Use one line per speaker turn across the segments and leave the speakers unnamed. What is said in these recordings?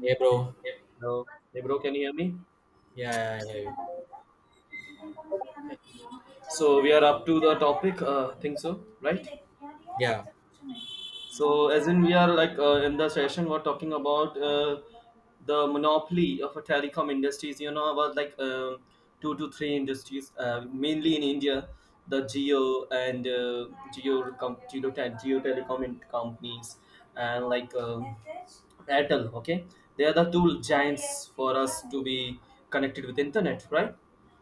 Hey, bro.
Hello. Hey, bro, can you hear me?
Yeah, yeah, yeah.
So we are up to the topic. Think so, right?
Yeah,
So, as in, we are in the session, we're talking about the monopoly of a telecom industries. You know about like two to three industries, mainly in India, the Geo and Geo companies, and like Airtel. Okay, they are the two giants for us to be connected with internet, right?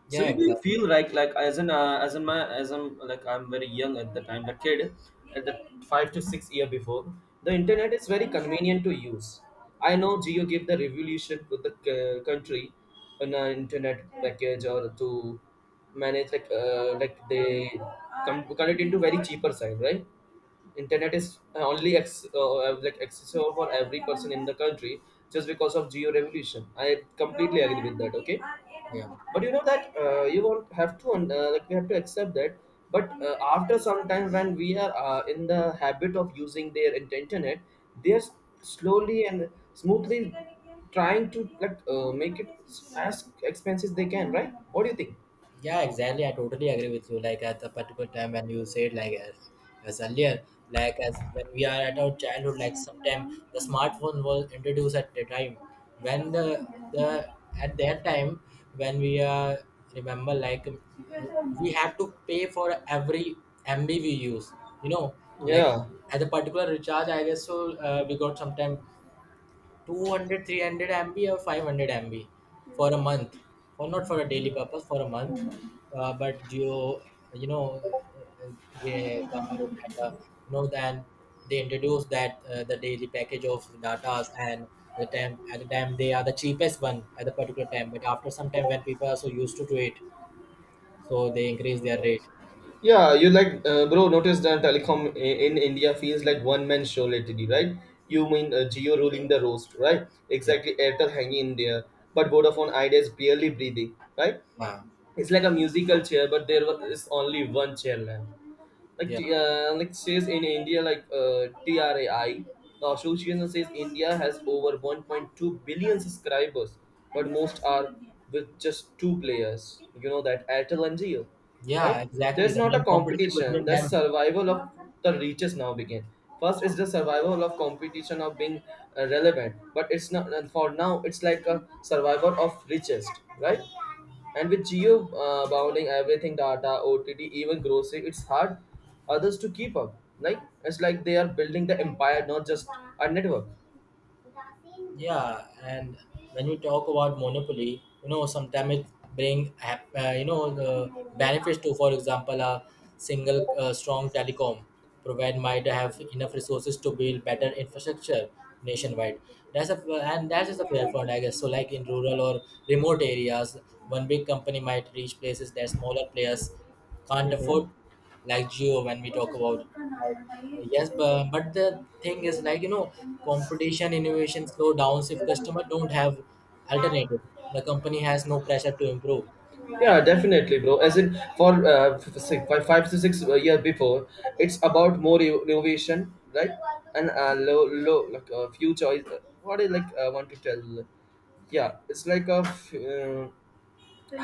So
yeah,
if you
exactly.
feel like as an as in my as I'm I'm very young at the time, the kid at the 5 to 6 year before, the internet is very convenient to use. I know Geo gave the revolution to the country on an internet package, or to manage like they come cut it into very cheaper side, right?
Yeah,
Internet
exactly.
is only like accessible for every person in the country just because of Geo revolution. I completely agree with that. Okay,
Yeah,
but you know that you won't have to like we have to accept that. But after some time when we are in the habit of using their internet, they are slowly and smoothly trying to make it as expensive as they can, right? What do you think?
yeah, exactly. I totally agree with you. Like at the particular time when you said, like as earlier, like as when we are at our childhood, like sometime the smartphone was introduced at the time when the at that time when we remember, like we have to pay for every MB we use. You know, like
Yeah.
at the particular recharge, I guess so. We got sometime 200, 300 MB or 500 MB for a month, for not for a daily purpose, for a month. But you know, uh, they come out, and then they introduce that the daily package of datas, and at the time they are the cheapest one at the particular time. But after some time, when people are so used to it, so they increase their rate.
Yeah, you bro. Notice that telecom in India feels like one man show lately, right? You mean Geo ruling the roast, right?
Yeah,
Exactly, Airtel hanging in there, but Vodafone Idea is barely breathing, right?
uh,
It's like a musical chair, but there is only one chairman, like
yeah,
says in India like TRAI, the association, says India has over 1.2 billion subscribers, but most are with just two players, you know, that Airtel and Jio,
yeah,
right?
exactly.
There's
The
not a
main competition
competition,
between
that's
them.
survival of the reaches now begin. First is the survival of competition of being relevant, but it's not, and for now it's like a survival of richest, right? And with Geo bounding everything, data, OTT, even grocery, it's hard others to keep up. Like it's like they are building the empire, not just a network.
Yeah. And when we talk about monopoly, sometimes it bring the benefits to, for example, a single strong telecom provide might have enough resources to build better infrastructure nationwide. That's a and that is a fair point, I guess. So, like in rural or remote areas, one big company might reach places that smaller players can't
Mm-hmm.
afford, like Geo when we talk about. uh, Yes, but the thing is, like, competition innovation slow downs if customer don't have alternative. The company has no pressure to improve.
Yeah,
And.
definitely, bro. As in, for six, five, five to six year before, it's about more innovation, right? And low, low, like few choice. What is want to tell? Yeah, it's like a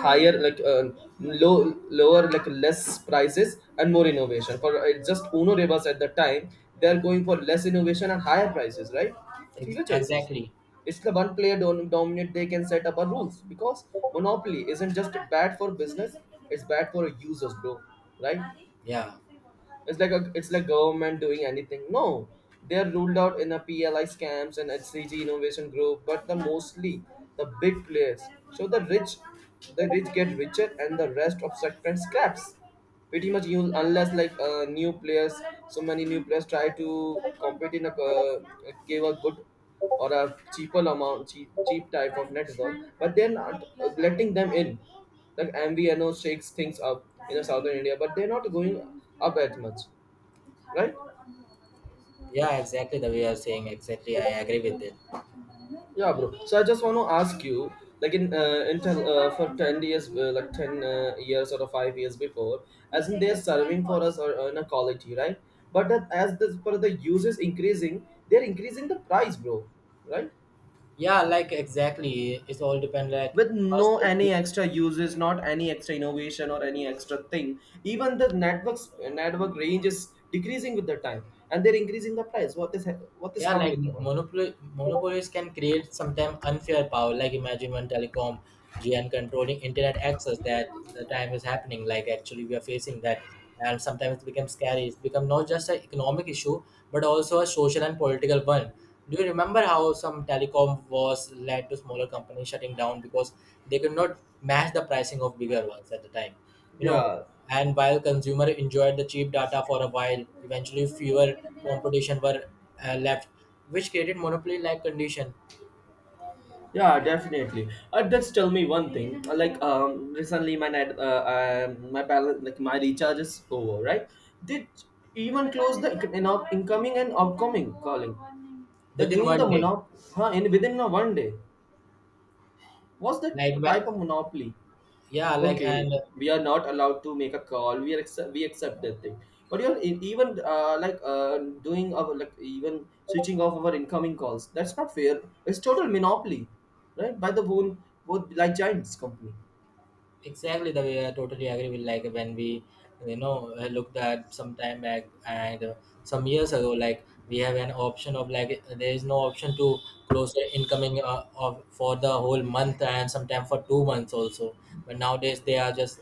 higher, lower, like less prices and more innovation, for it's just uno rebus. At the time they're
Yeah.
going for less innovation and higher prices, right?
ex-
Fewer choices.
exactly.
It's the one player dominant, they can set up our rules, because monopoly isn't just bad for business, it's bad for users, bro, right?
Yeah.
It's like government doing anything. No, they are ruled out in a PLI scams and HCG innovation group, but the mostly the big players. So the rich get richer, and the rest of sector scraps. Pretty much, you unless new players, so many new players try to compete in a give a good or a cheaper amount, cheap type of network, but they're not letting them in, like MVNO shakes things up in the southern India, but they're not going up as much, right?
Yeah, exactly the way you're saying. Exactly. I agree with it.
Yeah, bro. So I just want to ask you, like in Intel for 10 years, ten years or 5 years before, as in they're serving for us or in a quality, right? But that as the for the users increasing, they're increasing the price, bro, right?
Yeah, like exactly. It's all depend, like
With
first
no
thing.
any extra uses, not any extra innovation or any extra thing. Even the networks network range is decreasing with the time, and they're increasing the price. What is
Yeah,
wrong
like
with about that?
monopolies can create sometimes unfair power. Like imagine one telecom giant controlling internet access that the time is happening. Like actually we are facing that, and sometimes it becomes scary. It's become not just an economic issue but also a social and political one. Do you remember how some telecom was led to smaller companies shutting down because they could not match the pricing of bigger ones at the time? You know,
Yeah.
and while consumer enjoyed the cheap data for a while, eventually fewer competition were left, which created monopoly-like condition
Yeah, definitely. Just tell me one thing. Recently my net, my balance, like my recharge is over, right? Did even close the incoming and outgoing calling. They're
within
doing the
one day.
monop, huh, in within a one day. What's that
Like,
type of monopoly?
yeah, like,
Okay,
and
we are not allowed to make a call, we accept that thing, but you're even doing our even switching off our incoming calls. That's not fair, it's total monopoly, right, by the whole, both like, giants company.
exactly the way I totally agree with, like when we, looked at some time back, and some years ago, like we have an option of, like there is no option to close the incoming of for the whole month and sometime for 2 months also. But nowadays they are just,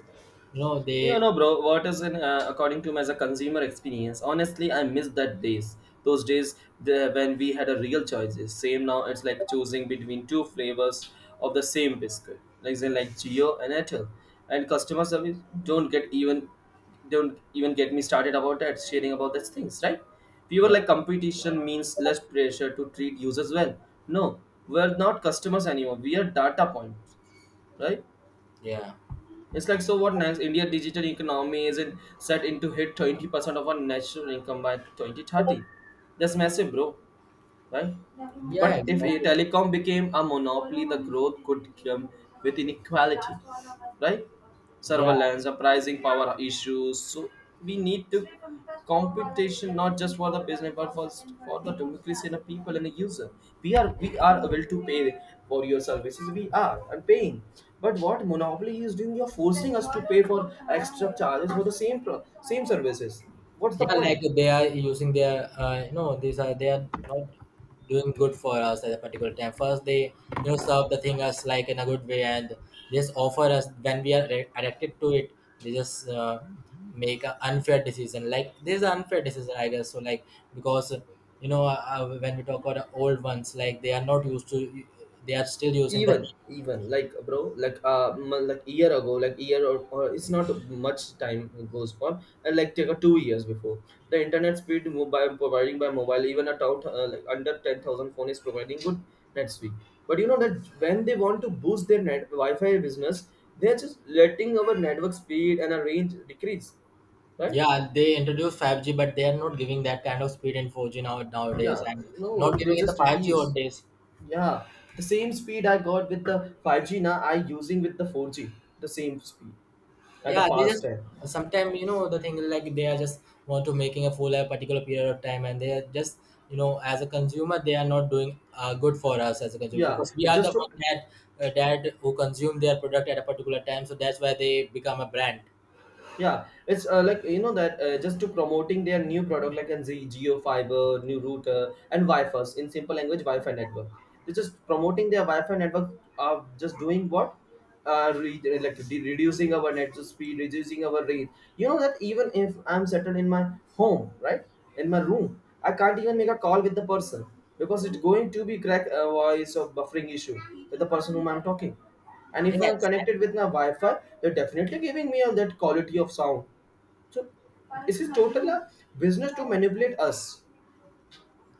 You
they.
know, bro, what is in according to me as a consumer experience? Honestly, I miss that days. Those days when we had a real choices. Same now, it's like choosing between two flavors of the same biscuit, like say like Geo and Airtel. And customer service don't get even don't even get me started about that, sharing about these things, right? We were
Yeah,
like competition means less pressure to treat users well. No, we're not customers anymore. We are data points, right?
yeah,
It's like, so what next? India digital economy isn't set into hit 20% of our national income by 2030. That's massive, bro, right?
yeah,
But if a
exactly,
telecom became a monopoly, the growth could come with inequality, right?
yeah.
Surveillance, the pricing power issues. So we need to competition not just for the business, but for the democracy and the people and the user. We are able to pay for your services. We are and paying. But what monopoly is doing, you're forcing us to pay for extra charges for the same services. What's the
Yeah, like
point?
they are using their you know, these are they are not doing good for us at a particular time. First, they serve the thing us, like in a good way, and just offer us when we are addicted to it. They just make an unfair decision. Like this is an unfair decision, I guess. So, like because when we talk about the old ones, like they are not used to, they are still using the.
Even like, bro, like like year ago, like year, or it's not much time goes on, and like take a 2 years before, the internet speed mobile providing by mobile, even a town like under 10,000 phone, is providing good net speed. But you know that when they want to boost their net wi-fi business, they're just letting our network speed and our range decrease, right?
Yeah, they introduced 5G, but they are not giving that kind of speed in 4G now nowadays,
Yeah,
and
no,
not
they
giving it the
just
5G
reduce.
old days.
Yeah, the same speed I got with the 5G now I using with the 4G. The same speed at the
Yeah, they
past
just
time.
sometimes the thing, like they are just want to making a fool at a particular period of time, and they are just as a consumer they are not doing good for us as a consumer
Yeah,
because we are
just
the
to.
one that who consume their product at a particular time, so that's why they become a brand.
Yeah, it's like you know that just to promoting their new product, like in Z Geo Fiber, new router, and Wi-Fi, in simple language Wi-Fi network. They're just promoting their Wi-Fi network. Are just doing what? Reducing our net speed, reducing our range. You know that even if I'm settled in my home, right, in my room, I can't even make a call with the person, because it's going to be crack voice or buffering issue with the person whom I'm talking. And if I'm
Yes.
connected with my wi-fi, they're definitely giving me on that quality of sound. So this is total business to manipulate us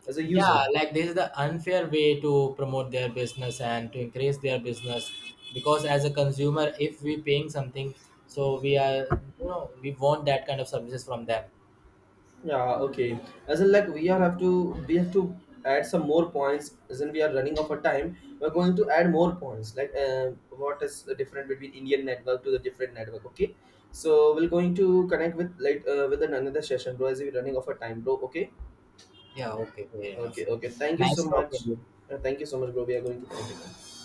as a
Yeah,
user.
like this is the unfair way to promote their business and to increase their business because as a consumer, if we paying something, so we are we want that kind of services from them.
Yeah, okay, as in we are have to, we have to add some more points, as in we are running out of time, we're going to add more points, like what is the difference between Indian network to the different network. Okay, so we're going to connect with with another session, bro, as we're running out of time, bro. Okay.
Yeah, okay, fair enough.
Okay, okay, thank you so
Nice talking with
much.
you.
Thank you so much, bro, we are going to connect again.